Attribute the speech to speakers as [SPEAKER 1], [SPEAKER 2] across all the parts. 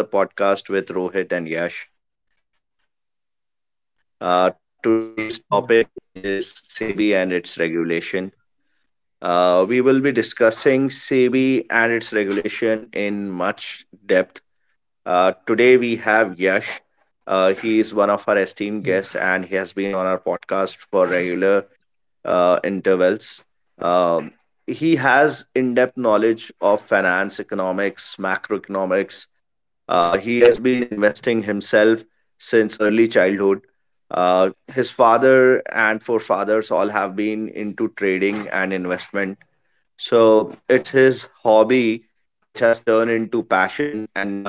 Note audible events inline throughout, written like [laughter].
[SPEAKER 1] Good evening, friends. Welcome to another podcast with Rohit and Yash. Today's
[SPEAKER 2] Yeah,
[SPEAKER 1] topic is SEBI and its regulation. We will be discussing SEBI and its regulation in much depth. Today we have Yash. He is one of our esteemed
[SPEAKER 2] yeah,
[SPEAKER 1] guests and he has been on our podcast for regular intervals. Um, he has in depth knowledge of finance, economics, macroeconomics. He has been investing himself since early childhood. Uh, his father and forefathers all have been into trading and investment. So it's his hobby which has turned into passion, and now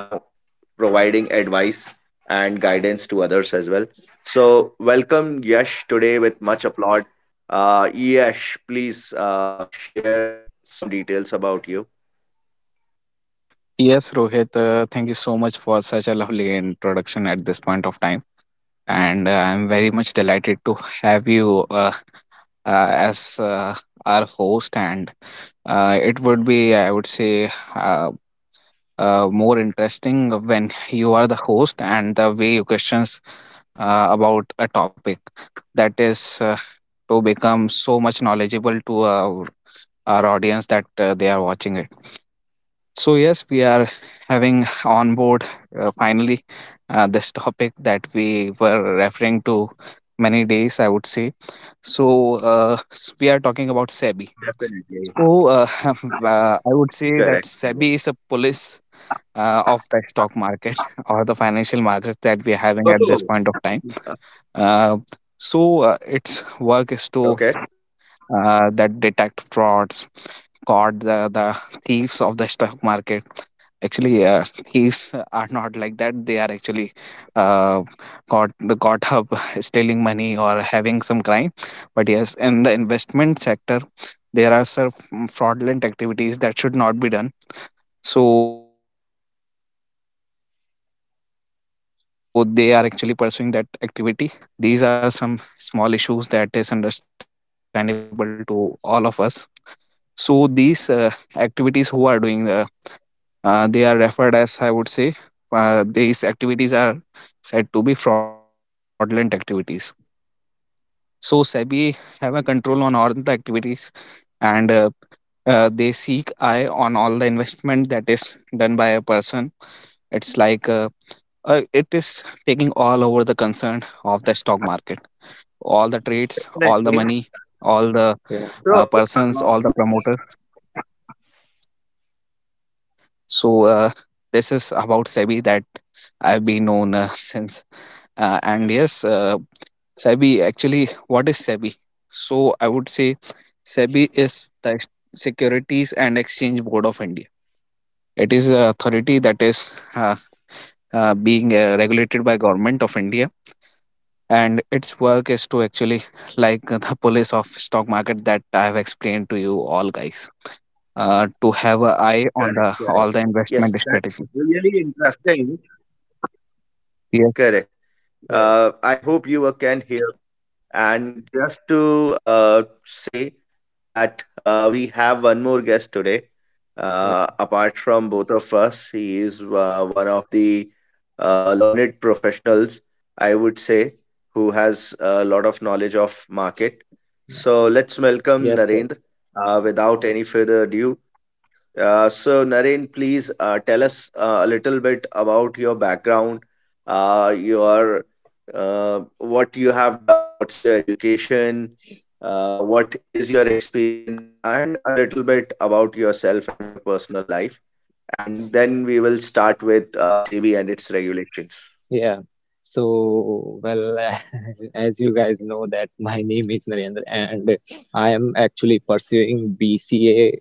[SPEAKER 1] providing advice and guidance to others as well. So, welcome Yash today with much applaud. Yash, please share some details about you.
[SPEAKER 3] Yes, Rohit, thank you so much for such a lovely introduction at this point of time. And I'm very much delighted to have you as our host. And it would be, I would say, more interesting when you are the host and the way you questions about a topic that is to become so much knowledgeable to our audience that they are watching it. So, yes, we are having on board finally this topic that we were referring to many days, I would say. So, we are talking about SEBI. So,
[SPEAKER 1] Definitely.
[SPEAKER 3] uh, [laughs] I would say that SEBI
[SPEAKER 1] Correct.
[SPEAKER 3] is a police of the stock market [laughs] or the financial markets that we are having at this point of time.
[SPEAKER 1] Oh,
[SPEAKER 3] Uh, so, its work is to
[SPEAKER 1] okay.
[SPEAKER 3] that detect frauds, caught the thieves of the stock market actually. [laughs] Thieves are not like that. They are actually uh, caught up [laughs] stealing money or having some crime, but yes, in the investment sector there are some fraudulent activities that should not be done, so they are actually pursuing that activity like market manipulation, insider trading. These are some small issues that is understandable to all of us. So these activities who are doing they are referred as, I would say, these activities are said to be fraudulent activities. So SEBI have a control on all the activities, and they seek eye on all the investment that is done by a person. It's like it is taking all over the concern of the stock market, all the trades, all the money, all
[SPEAKER 1] Definitely.
[SPEAKER 3] the
[SPEAKER 2] yeah,
[SPEAKER 1] So,
[SPEAKER 3] persons, all the
[SPEAKER 1] uh, yes,
[SPEAKER 3] promoters.
[SPEAKER 1] uh,
[SPEAKER 3] So,
[SPEAKER 1] just
[SPEAKER 3] this
[SPEAKER 1] before
[SPEAKER 3] is
[SPEAKER 1] we go
[SPEAKER 3] about
[SPEAKER 1] ahead,
[SPEAKER 3] SEBI that
[SPEAKER 1] today
[SPEAKER 3] I've
[SPEAKER 1] we
[SPEAKER 3] been known
[SPEAKER 1] have one more
[SPEAKER 3] since.
[SPEAKER 1] guest.
[SPEAKER 3] And yes, SEBI actually, what is SEBI? So I would say SEBI is the Securities and Exchange Board of India. It is an authority that is
[SPEAKER 1] Okay.
[SPEAKER 3] being regulated by government of India, and its work is to actually like the police of stock market that I have explained to you all guys. To have an eye on
[SPEAKER 1] Correct,
[SPEAKER 3] the
[SPEAKER 1] correct.
[SPEAKER 3] all the
[SPEAKER 1] Yes,
[SPEAKER 3] investment
[SPEAKER 1] that's
[SPEAKER 3] strategy.
[SPEAKER 1] really interesting. Correct.
[SPEAKER 2] yes,
[SPEAKER 1] I hope you can hear me. And just to say that we have one more guest today.
[SPEAKER 2] yeah,
[SPEAKER 1] Apart from both of us, he is one of the learned professionals, I would say, who has a lot of knowledge of market.
[SPEAKER 2] yeah,
[SPEAKER 1] So let's
[SPEAKER 2] yes, sir.
[SPEAKER 1] Narendra. Without any further ado, Naren, please tell us a little bit about your background, your what you have done, what's your education, what is your experience, and a little bit about yourself and your personal life. And then we will start with SEBI and its regulations.
[SPEAKER 2] Yeah. So, well, [laughs] as you guys know, that my name is Narendra, and I am actually pursuing BCA.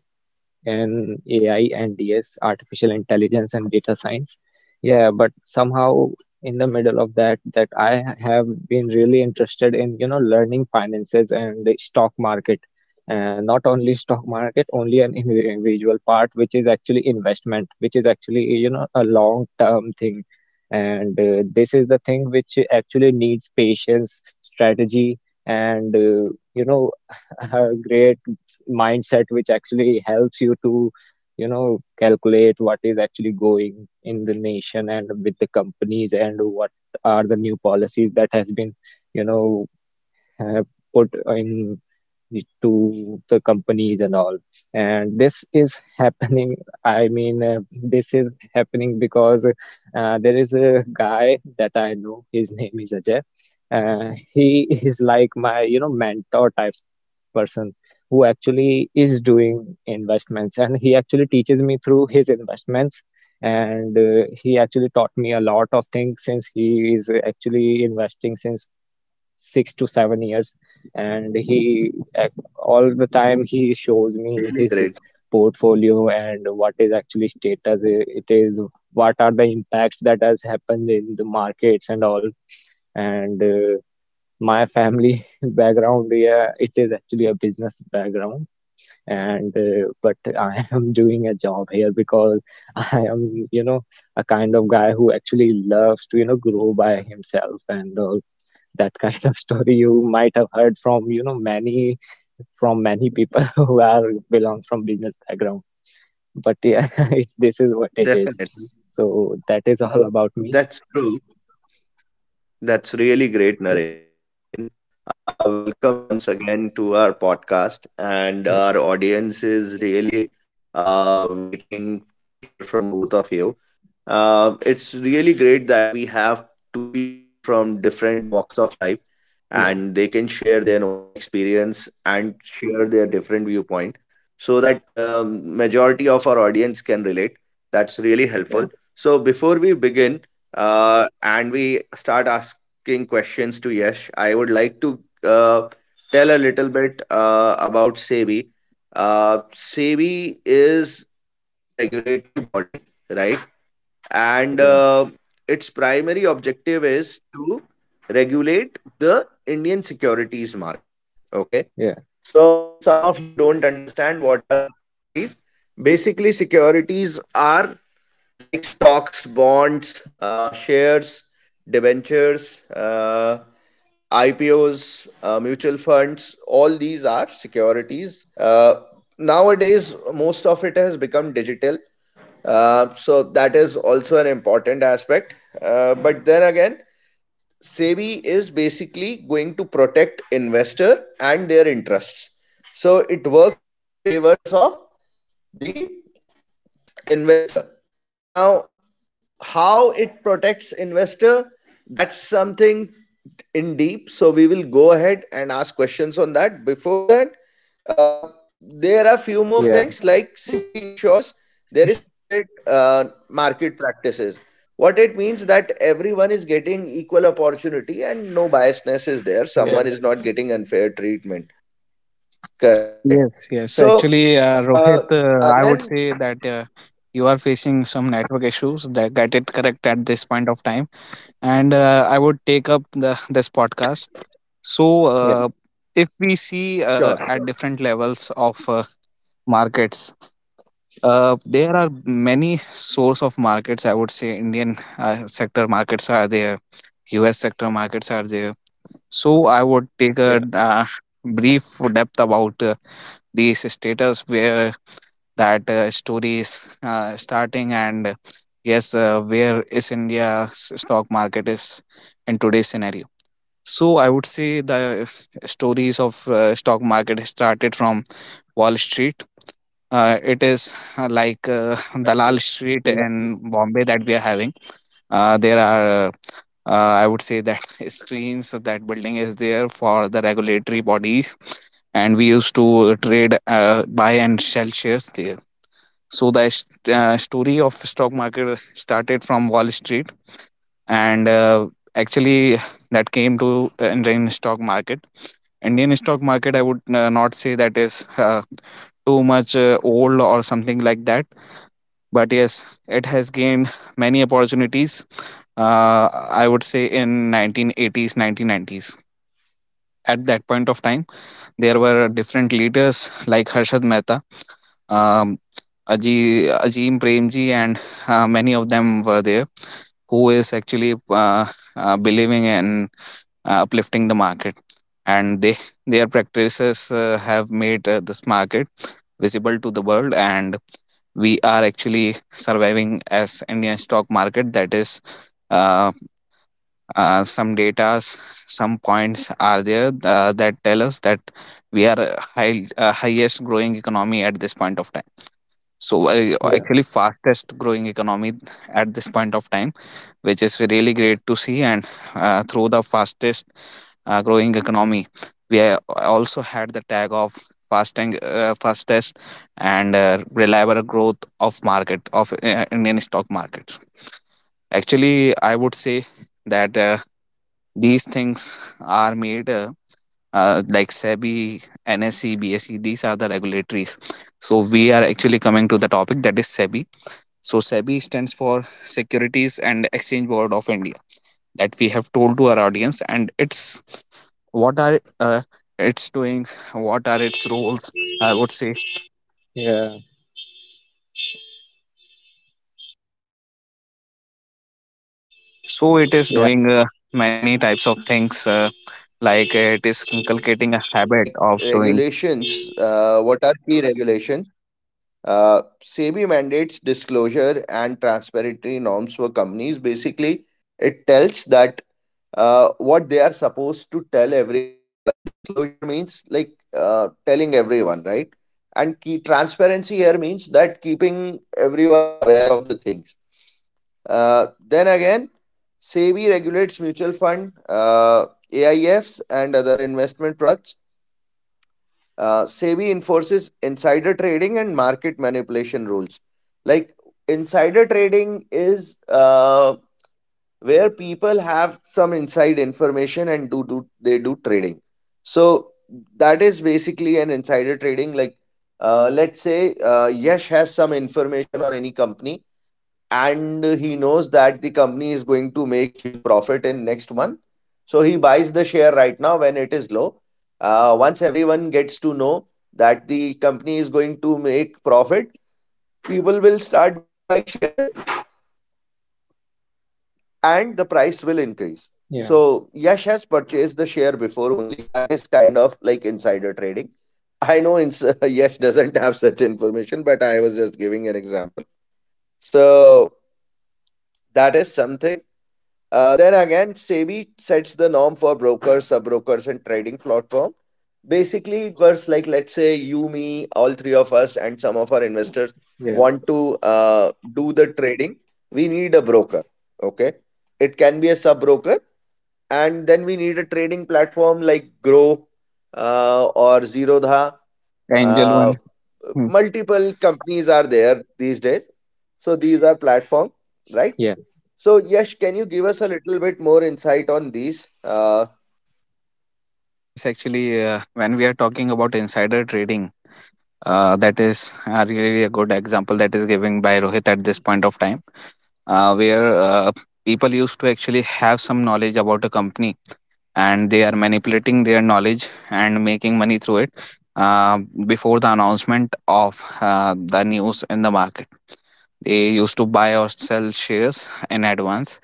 [SPEAKER 2] And AI and DS, artificial intelligence and data science. Yeah, but somehow in the middle of that, I have been really interested in, you know, learning finances and the stock market. Not only stock market, only an individual part, which is actually investment, which is actually, you know, a long-term thing. And This is the thing which actually needs patience, strategy, and [laughs] a great mindset which actually helps you to, you know, calculate what is actually going in the nation and with the companies, and what are the new policies that has been, you know, uh, put in to the companies and all. And this is happening, [laughs] i mean uh, this is happening because there is a guy that I know. His name is Ajay. uh, he [laughs] is like my, you know, mentor type person, who actually is doing investments, and he actually teaches me through his investments. And He actually taught me a lot of things, since he is actually investing since 6 to 7 years. And all the
[SPEAKER 1] That's
[SPEAKER 2] time
[SPEAKER 1] really
[SPEAKER 2] he
[SPEAKER 1] great.
[SPEAKER 2] shows me his portfolio and what is actually status it is, what are the impacts that has happened in the markets and all. And My family [laughs] background, yeah, it is actually a business background. And But I [laughs] am doing a job here because [laughs] I am, you know, a kind of guy who actually loves to, you know, grow by himself and all. That [laughs] kind of story you might have heard from, you know, many people [laughs] who are belongs from business background. But yeah, [laughs] this is what it is.
[SPEAKER 1] Definitely.
[SPEAKER 2] So that is all about me.
[SPEAKER 1] That's true. That's really great, Naren.
[SPEAKER 2] Yes
[SPEAKER 1] Welcome once again to our podcast, and our
[SPEAKER 2] yeah
[SPEAKER 1] audience is really waiting to hear from both of you. It's really great that we have two people from different walks of life
[SPEAKER 2] yeah
[SPEAKER 1] and they can share their own experience and share their different viewpoint so that majority of our audience can relate. That's
[SPEAKER 2] yeah
[SPEAKER 1] So before we begin and we start asking questions to Yash, I would like to uh, tell a little bit about SEBI. SEBI is a regulatory body, right? And
[SPEAKER 2] yeah
[SPEAKER 1] its primary objective is to regulate the Indian securities market. Okay.
[SPEAKER 2] yeah
[SPEAKER 1] So, if some of you don't understand what are securities, basically, securities are like stocks, bonds, shares, debentures, IPOs, mutual funds, all these are securities. Uh, Most of it has become digital. So that is also an important aspect. But then again, SEBI is basically going to protect investor and their interests. So it works in favors of the investor. Now, how it protects investor, that's something in deep, so we will go ahead and ask questions on that. Before that uh, there are few more
[SPEAKER 2] yeah
[SPEAKER 1] things like ensures there is fair and transparent market practices. What it means that everyone is getting equal opportunity and no biasness is there,
[SPEAKER 2] yeah
[SPEAKER 1] someone is not getting unfair treatment, correct,
[SPEAKER 3] Yes,
[SPEAKER 1] so
[SPEAKER 3] yes. Actually,
[SPEAKER 1] uh,
[SPEAKER 3] Rohit,
[SPEAKER 1] again
[SPEAKER 3] I would say that you are facing some network issues that get it correct at this point of time. And I would take up the this podcast. So,
[SPEAKER 2] yeah
[SPEAKER 3] if we
[SPEAKER 1] sure.
[SPEAKER 3] see at different levels of markets, there are many source of markets. I would say Indian sector markets are there, U.S. sector markets are there. So, I would take a
[SPEAKER 2] yeah
[SPEAKER 3] brief depth about these status where that story is starting. And yes, where is india's stock market is in today's scenario. So I would say the stories of stock market started from Wall Street. It is uh, like uh, [laughs]
[SPEAKER 2] Well,
[SPEAKER 3] Dalal
[SPEAKER 2] yeah, it is
[SPEAKER 3] Street
[SPEAKER 2] a
[SPEAKER 3] in
[SPEAKER 2] well known.
[SPEAKER 3] Bombay that we are having. There are I would say that [laughs] screens that building is there for the regulatory bodies, and we used to trade, buy and sell shares there. So the story of stock market started from Wall Street, and actually that came to Indian stock market. Indian stock market, I would not say that is too much old or something like that, but yes, it has gained many opportunities. Uh, I would say in 1980s, 1990s. At that point of time, there were different leaders like
[SPEAKER 1] Okay.
[SPEAKER 3] Harshad Mehta, um, Ajim Premji, and many of them were there who is actually believing in uplifting the market, and they their practices have made this market visible to the world, and we are actually surviving as Indian stock market. That is uh, some data, some points are there that tell us that we are highest growing economy at this point of time. So
[SPEAKER 2] yeah
[SPEAKER 3] actually fastest growing economy at this point of time, which is really great to see. And through the fastest growing economy, also had the tag of fasting fastest and reliable growth of market of indian stock markets. Actually, I would say that these things are made like SEBI, NSE, BSE, these are the regulatories. So we are actually coming to the topic that is SEBI. So SEBI stands for Securities and Exchange Board of India. That we have told to our audience, and it's what are its doing, what are its roles. I would say
[SPEAKER 2] yeah
[SPEAKER 3] It is
[SPEAKER 2] yeah
[SPEAKER 3] doing
[SPEAKER 2] so
[SPEAKER 1] So
[SPEAKER 3] many types of things,
[SPEAKER 1] SEBI, I
[SPEAKER 3] like
[SPEAKER 1] would
[SPEAKER 3] it is
[SPEAKER 1] say
[SPEAKER 3] inculcating a
[SPEAKER 1] that
[SPEAKER 3] habit
[SPEAKER 1] like
[SPEAKER 3] of doing
[SPEAKER 1] regulations, what are key regulations? SEBI mandates disclosure and transparency norms for companies. Basically, it tells that what they are supposed to tell everyone. Disclosure means like telling everyone, right? And key transparency here means that keeping everyone aware of the things. uh, then again, SEBI regulates mutual fund, AIFs, and other investment products. SEBI enforces insider trading and market manipulation rules. Like insider trading is where people have some inside information and do they do trading. So that is basically an insider trading. Like let's say Yash has some information on any company and he knows that the company is going to make huge profit in next month, so he buys the share right now when it is low. Once everyone gets to know that the company is going to make profit, people will start buying share and the price will increase.
[SPEAKER 2] Yeah,
[SPEAKER 1] So Yash has purchased the share before only, that is kind of like insider trading. I know [laughs] Yash doesn't have such information, but I was just giving an example. So that is something. SEBI sets the norm for brokers, sub brokers, and trading platform. Basically, there are brokers like, let's say, you, me, and some of our investors
[SPEAKER 2] yeah,
[SPEAKER 1] want to do the trading. We need a broker. Okay. It can be a sub broker. And then we need a trading platform like Grow or Zerodha.
[SPEAKER 3] angel one.
[SPEAKER 1] Uh,
[SPEAKER 3] Hmm.
[SPEAKER 1] Multiple companies are there these days. So these are platform, right?
[SPEAKER 2] yeah,
[SPEAKER 1] So, Yash, can you give us a little bit more insight on these?
[SPEAKER 3] Yes, actually, when we are talking about insider trading, that is really a good example that is giving by Rohit at this point of time, where people used to actually have some knowledge about a company and they are manipulating their knowledge and making money through it, uh, before the announcement of the news in the market. They used to buy or sell shares in advance,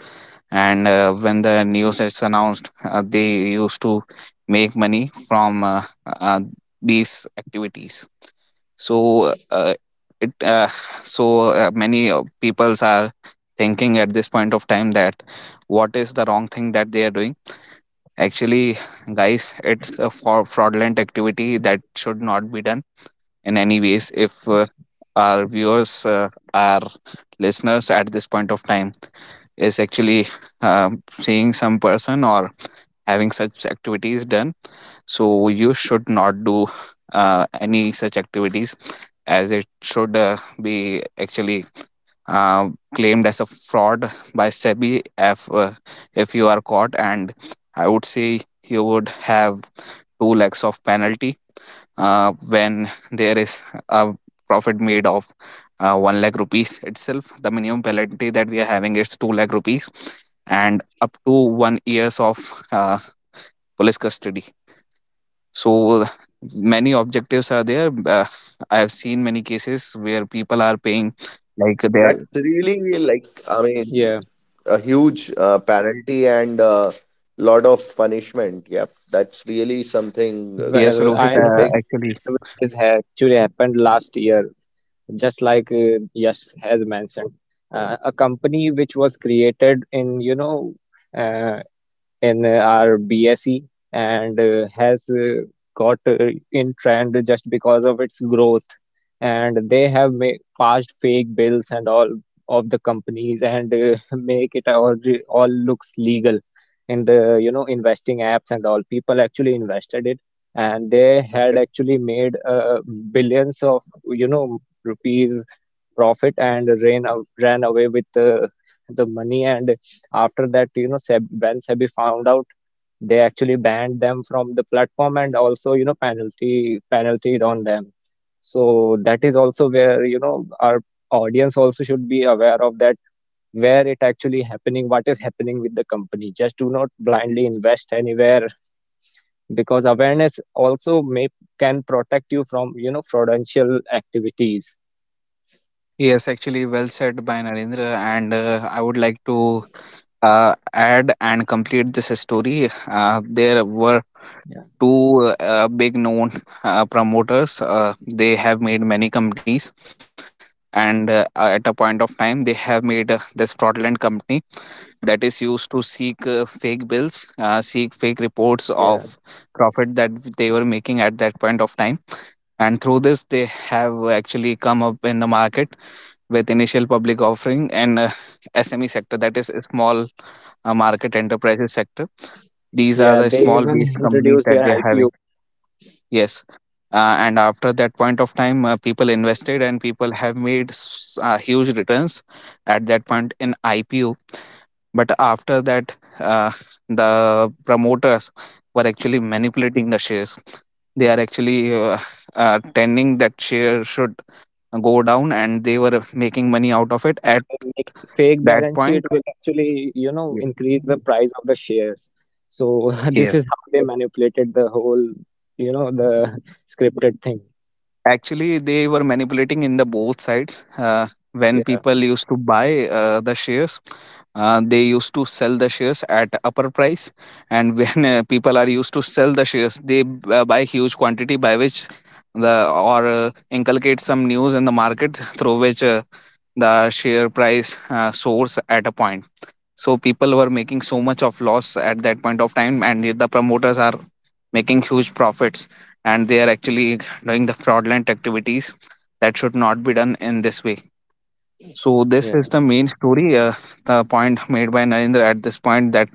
[SPEAKER 3] and when the news is announced, they used to make money from these activities. So uh, it uh, so uh, many peoples are thinking at this point of time that what is the wrong thing that they are doing. Actually, guys, it's a for fraudulent activity that should not be done in any ways. If our viewers, our listeners at this point of time is actually seeing some person or having such activities done, so you should not do any such activities, as it should be actually uh, claimed as a fraud by sebi. If if you are caught, and I would say you would have 2 lakhs of penalty. When there is a profit made of 1 lakh rupees itself, the minimum penalty that we are having is 2 lakh rupees and up to 1 years of uh, police custody. So many objectives are there. I have seen many cases where people are paying like their
[SPEAKER 1] That's really, like, I mean,
[SPEAKER 2] yeah.
[SPEAKER 1] a huge penalty and a lot of punishment. Yep, that's really something
[SPEAKER 3] yes,
[SPEAKER 2] Well, I
[SPEAKER 3] Rohit.
[SPEAKER 2] know an
[SPEAKER 1] big.
[SPEAKER 2] incident which is actually happened last year, just like Yash has mentioned. A company which was created in, you know, uh, in our BSE, and has got in trend just because of its growth. And they have passed fake bills and all of the companies, and [laughs] make it all looks legal in the, you know, investing apps and all. People actually invested it, and they had
[SPEAKER 1] Okay.
[SPEAKER 2] actually made billions of, you know, rupees profit, and ran away with the money. And after that, you know, when SEBI found out, they actually banned them from the platform, and also, you know, penalty on them. So that is also where, you know, our audience also should be aware of that, where it actually happening, what is happening with the company. Just do not blindly invest anywhere, because awareness also may can protect you from, you know, fraudulent activities.
[SPEAKER 3] Yes, actually, well said by Narendra. And I would like to add and complete this story. There were
[SPEAKER 2] yeah
[SPEAKER 3] two big known promoters. They have made many companies, and at a point of time, they have made this fraudulent company that is used to seek fake bills, seek fake reports of
[SPEAKER 2] yeah
[SPEAKER 3] profit that they were making at that point of time. And through this, they have actually come up in the market with initial public offering and SME sector, that is a small market enterprises sector. These are
[SPEAKER 2] yeah
[SPEAKER 3] the
[SPEAKER 2] They
[SPEAKER 3] small
[SPEAKER 2] even
[SPEAKER 3] based companies
[SPEAKER 2] introduce
[SPEAKER 3] that
[SPEAKER 2] their
[SPEAKER 3] they are having.
[SPEAKER 2] IPOs.
[SPEAKER 3] Yes. And after that point of time, people invested and people have made huge returns at that point in IPO, but after that the promoters were actually manipulating the shares. They are actually tending that
[SPEAKER 1] Okay.
[SPEAKER 3] share should go down, and they were making money out of it at
[SPEAKER 2] Well, making fake
[SPEAKER 3] that
[SPEAKER 2] balance
[SPEAKER 3] point.
[SPEAKER 2] sheet will actually, you know,
[SPEAKER 3] Yes.
[SPEAKER 2] increase the price of the shares. So [laughs] this is how they manipulated the whole, you know, the [laughs] scripted thing.
[SPEAKER 3] Actually, they were manipulating in the both sides. When
[SPEAKER 2] Yeah,
[SPEAKER 3] people used to buy the shares, they used to sell the shares at upper price, and [laughs] when people are used to
[SPEAKER 1] Okay.
[SPEAKER 3] sell the shares, they buy huge quantity by which the or inculcate some news in the market through which the share price soars at a point. So people were making so much of loss at that point of time, and the promoters are making huge profits, and they are actually doing the fraudulent activities that should not be done in this way. So this
[SPEAKER 2] yeah,
[SPEAKER 3] is the main story. The point made by narendra at this point that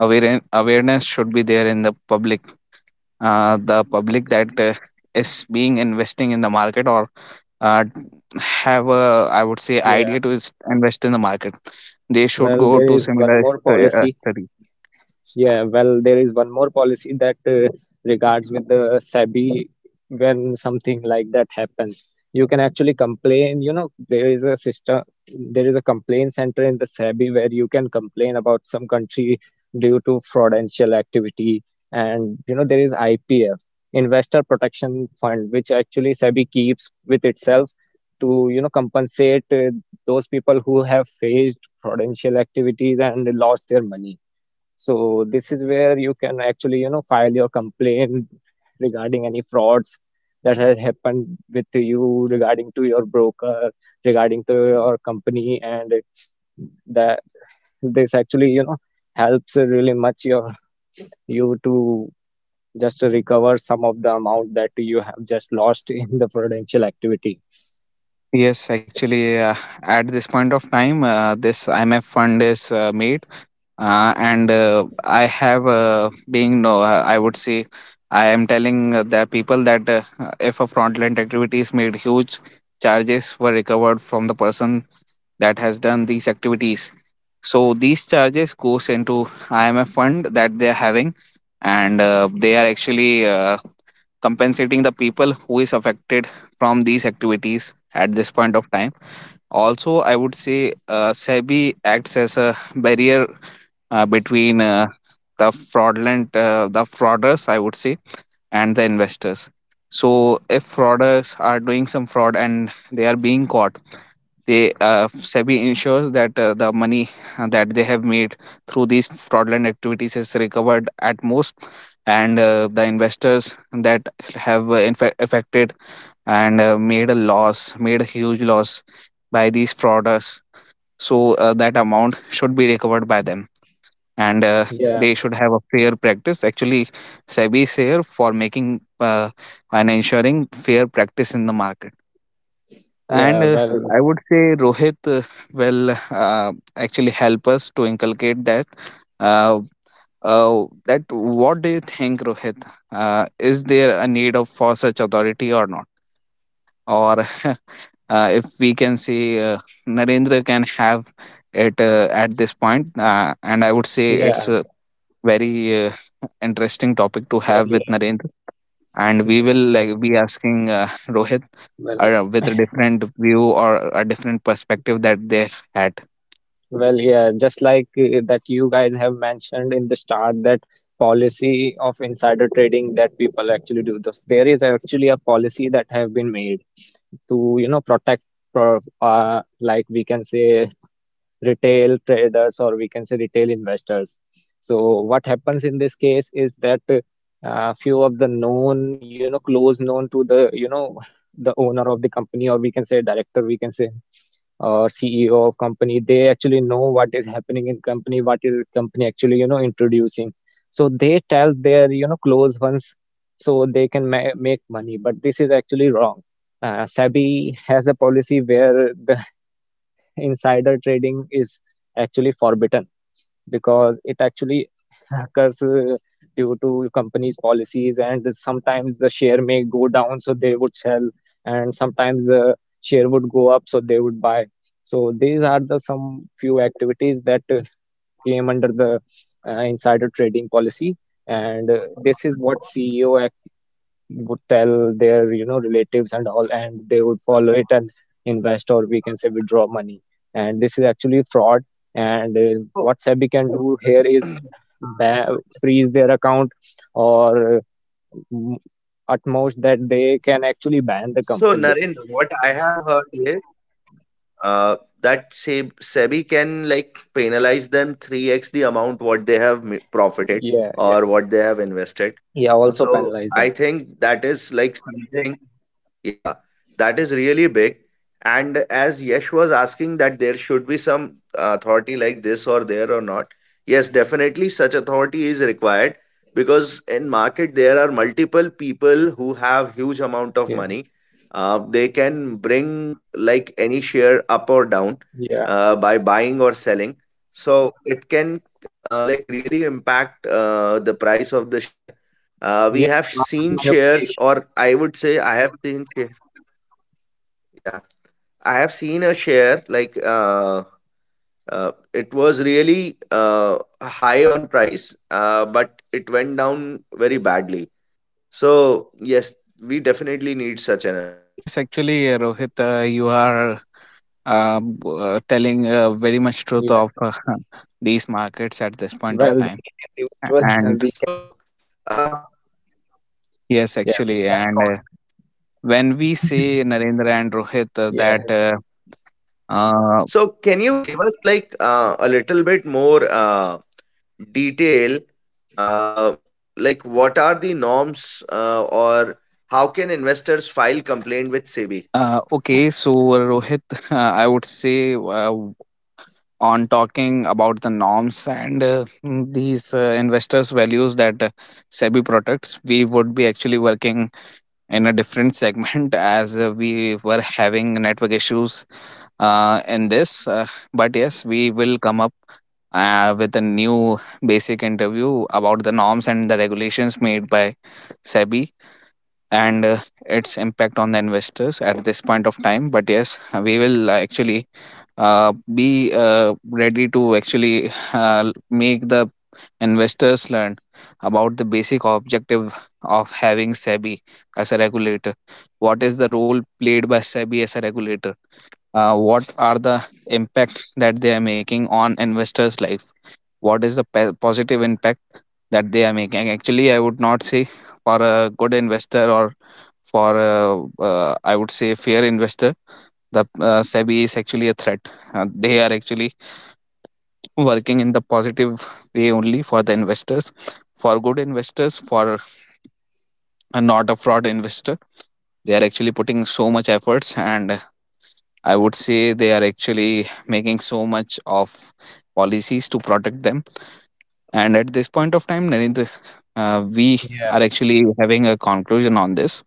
[SPEAKER 3] awareness should be there in the public. The public that is being investing in the market or uh, have a, I would say,
[SPEAKER 2] yeah.
[SPEAKER 3] idea to invest in the market, they should
[SPEAKER 2] Well,
[SPEAKER 3] go
[SPEAKER 2] there
[SPEAKER 3] to
[SPEAKER 2] is
[SPEAKER 3] similar
[SPEAKER 2] one more policy
[SPEAKER 3] study.
[SPEAKER 2] Yeah, well, there is one more policy that regards with the SEBI when something like that happens. You can actually complain, you know, there is a system, there is a complaint center in the SEBI where you can complain about some country due to fraudulent activity. And, you know, there is IPF, Investor Protection Fund, which actually SEBI keeps with itself to, you know, compensate those people who have faced fraudulent activities and lost their money. So this is where you can actually, you know, file your complaint regarding any frauds that has happened with you, regarding to your broker, regarding to your company, and that this actually, you know, helps really much your you to just recover some of the amount that you have just lost in the prudential activity.
[SPEAKER 3] Yes, actually, at this point of time, this IMF fund is made, and I have being no, I would say, I am telling the people that if a fraudulent activity is made, huge charges were recovered from the person that has done these activities. So these charges goes into IMF fund that they are having, and they are actually compensating the people who is affected from these activities at this point of time. Also, I would say SEBI acts as a barrier between the fraudulent, the frauders, I would say, and the investors. So, if frauders are doing some fraud and they are being caught, they SEBI ensures that the money that they have made through these fraudulent activities is recovered at most, and the investors that have in affected and made a loss, made a huge loss by these frauders, so that amount should be recovered by them. And
[SPEAKER 2] Yeah,
[SPEAKER 3] They should have a fair practice actually. Sebi is here for making and ensuring fair practice in the market. and
[SPEAKER 2] yeah,
[SPEAKER 3] uh,
[SPEAKER 2] well,
[SPEAKER 3] I would say Rohit will uh, actually help us to inculcate uh, uh, that. What do you think, Rohit uh, is there a need of for such authority or not, or [laughs] if we can say, Narendra can have it at this point. And I would say it's
[SPEAKER 2] yeah,
[SPEAKER 3] a very interesting topic to
[SPEAKER 2] well,
[SPEAKER 3] have with
[SPEAKER 2] yeah,
[SPEAKER 3] Narendra. And we
[SPEAKER 2] yeah,
[SPEAKER 3] will like
[SPEAKER 2] well,
[SPEAKER 3] be asking [laughs] Rohit
[SPEAKER 2] well.
[SPEAKER 3] with a different view or a different perspective that they had.
[SPEAKER 2] Well, yeah, just like that you guys have mentioned in the start, that policy of insider trading, that people actually do this. There is actually a policy that have been made to, you know, protect like we can say retail traders, or we can say retail investors. So what happens in this case is that few of the known, you know, close known to the, you know, the owner of the company, or we can say director, we can say or CEO of company, they actually know what is happening in company, what is company actually, you know, introducing. So they tell their, you know, close ones, so they can ma make money. But this is actually wrong. SEBI has a policy where the [laughs] insider trading is actually forbidden, because it actually [laughs] occurs due to companies' policies, and sometimes the share may go down, so they would sell, and sometimes the share would go up, so they would buy. So these are the some few activities that came under the insider trading policy, and this is what CEO would tell their, you know, relatives and all, and they would follow it and invest, or we can say withdraw money. And this is actually fraud. And What SEBI can
[SPEAKER 1] So,
[SPEAKER 2] do here is freeze their account, or at most that they can actually ban the
[SPEAKER 1] so,
[SPEAKER 2] company.
[SPEAKER 1] Narendra, what I have heard is that SEBI can like penalize them 3x the amount what they have profited
[SPEAKER 2] yeah yeah
[SPEAKER 1] or what they have invested.
[SPEAKER 2] yeah also
[SPEAKER 1] So
[SPEAKER 2] penalize them.
[SPEAKER 1] I think that is like something, yeah, that is really big. And as Yesh was asking that there should be some authority like this or there or not, yes, definitely such authority is required because in market there are multiple people who have huge amount of
[SPEAKER 2] yeah
[SPEAKER 1] money. They can bring like any share up or down
[SPEAKER 2] yeah
[SPEAKER 1] by buying or selling. So it can like really impact the price of the share. We
[SPEAKER 2] yeah
[SPEAKER 1] have
[SPEAKER 2] market
[SPEAKER 1] seen shares,
[SPEAKER 2] manipulation.
[SPEAKER 1] or I would say, I have seen, yeah, I have seen a share like it was really high on price, but it went down very badly. So yes, we definitely need such an authority.
[SPEAKER 3] Yes, actually, Rohit, you are telling very much truth
[SPEAKER 2] Yeah,
[SPEAKER 3] of [laughs] these markets at this point of
[SPEAKER 2] well,
[SPEAKER 3] time.
[SPEAKER 2] these individuals [laughs]
[SPEAKER 3] And
[SPEAKER 2] we
[SPEAKER 1] So,
[SPEAKER 2] can
[SPEAKER 1] uh,
[SPEAKER 3] yes,
[SPEAKER 2] yeah we
[SPEAKER 3] actually,
[SPEAKER 2] can
[SPEAKER 3] and
[SPEAKER 2] call them.
[SPEAKER 3] when we say Narendra and Rohit,
[SPEAKER 2] [laughs] yeah
[SPEAKER 3] that uh,
[SPEAKER 1] so, can you give us like a little bit more detail, uh, like what are the norms or how can investors file complaint with SEBI?
[SPEAKER 3] okay, so Rohit, [laughs] I would say on talking about the norms and these investors' values that SEBI protects, we would be actually working in a different segment [laughs] as we were having network issues in this. But yes, we will come up with a new basic interview about the norms and the regulations made by SEBI, and its impact on the investors at this point of time. But yes, we will actually be ready to actually make the investors learn about the basic objective of having sebi as a regulator, what is the role played by sebi as a regulator. What are the impacts that they are making on investors life? What is the positive impact that they are making? Actually, I would not say for a good investor or for I would say fair investor. The SEBI is actually a threat. They are actually working in the positive way only for the investors, for good investors, for not a fraud investor. They are actually putting so much efforts, and I would say they are actually making so much of policies to protect them. And at this point of time, Narendra, we
[SPEAKER 2] yeah.
[SPEAKER 3] are actually having a conclusion on this,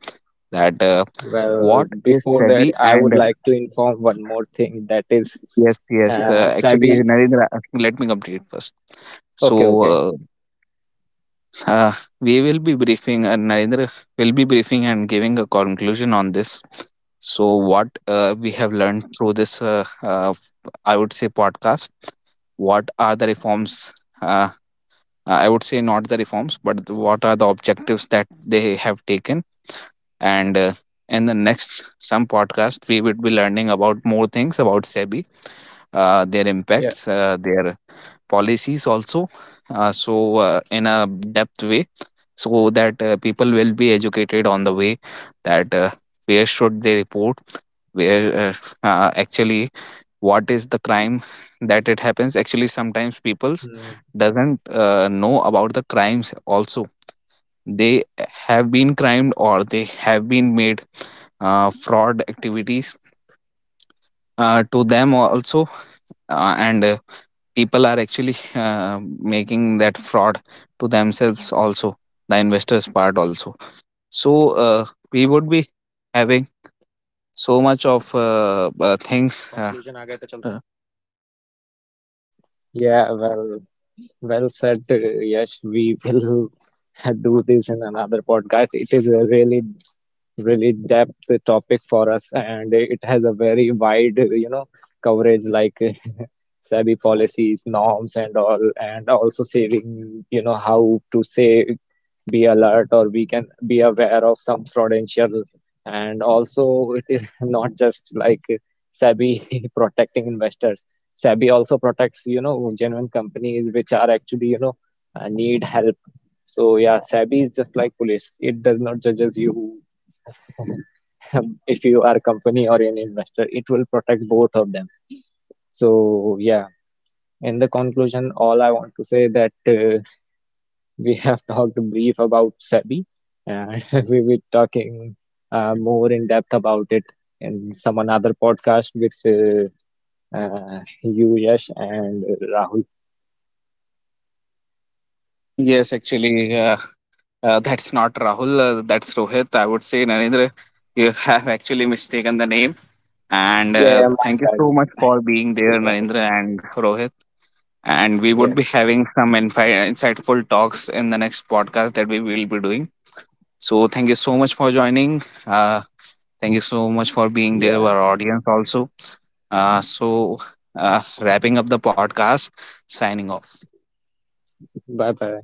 [SPEAKER 3] that
[SPEAKER 2] Well,
[SPEAKER 3] what is
[SPEAKER 2] before that,
[SPEAKER 3] SEBI
[SPEAKER 2] I
[SPEAKER 3] and...
[SPEAKER 2] would like to inform one more thing that is
[SPEAKER 3] Yes, yes. Actually,
[SPEAKER 2] Sabi.
[SPEAKER 3] Narendra, let me complete first.
[SPEAKER 2] Okay,
[SPEAKER 3] So,
[SPEAKER 2] okay.
[SPEAKER 3] uh, we will be briefing, Narendra will be briefing and giving a conclusion on this. So, what we have learned through this, I would say, podcast, what are the reforms? Uh, I would say not the reforms, but what are the objectives that they have taken? And in the next some podcast, we would be learning about more things about SEBI, their
[SPEAKER 2] Yeah.
[SPEAKER 3] impacts, their policies also, so in a depth way, so that people will be educated on the way that where should they report, where actually what is the crime that it happens. Actually sometimes peoples
[SPEAKER 2] Mm,
[SPEAKER 3] doesn't know about the crimes also. They have been crimed or they have been made fraud activities to them also, and people are actually making that fraud to themselves also, the investors part also. So uh, we would be having so much of things uh,
[SPEAKER 2] yeah, well, well said, Yash. We will [laughs] do this in another podcast. It is a really, really depth topic for us, and it has a very wide, you know, coverage like [laughs] SEBI policies, norms, and all, and also saving, you know, how to say, be alert, or we can be aware of some fraudulential. And also, it is [laughs] not just like SEBI [laughs] protecting investors. SEBI also protects, you know, genuine companies which are actually, you know, need help. So yeah, SEBI is just like police. It does not judges you [laughs] if you are a company or an investor. It will protect both of them. So yeah, in the conclusion, all I want to say that. We have [laughs] talked brief about SEBI, and [laughs] we will talking more in depth about it in some another podcast with you, Yash, and Rahul.
[SPEAKER 3] yes, actually, that's not Rahul, that's Rohit, I would say, Narendra. You have actually mistaken the name. and
[SPEAKER 2] Yeah,
[SPEAKER 3] uh,
[SPEAKER 2] yeah, my
[SPEAKER 3] thank you
[SPEAKER 2] bad,
[SPEAKER 3] so
[SPEAKER 2] my
[SPEAKER 3] much for
[SPEAKER 2] bad.
[SPEAKER 3] being
[SPEAKER 2] [laughs] This
[SPEAKER 3] there,
[SPEAKER 2] is Rahul.
[SPEAKER 3] Narendra and Rohit. And we
[SPEAKER 2] Yeah,
[SPEAKER 3] would be having some insightful talks in the next podcast that we will be doing. So thank you so much for joining. Thank you so much for being there,
[SPEAKER 2] yeah.
[SPEAKER 3] our audience also. Uh, so Wrapping up the podcast, signing off.
[SPEAKER 2] Bye bye.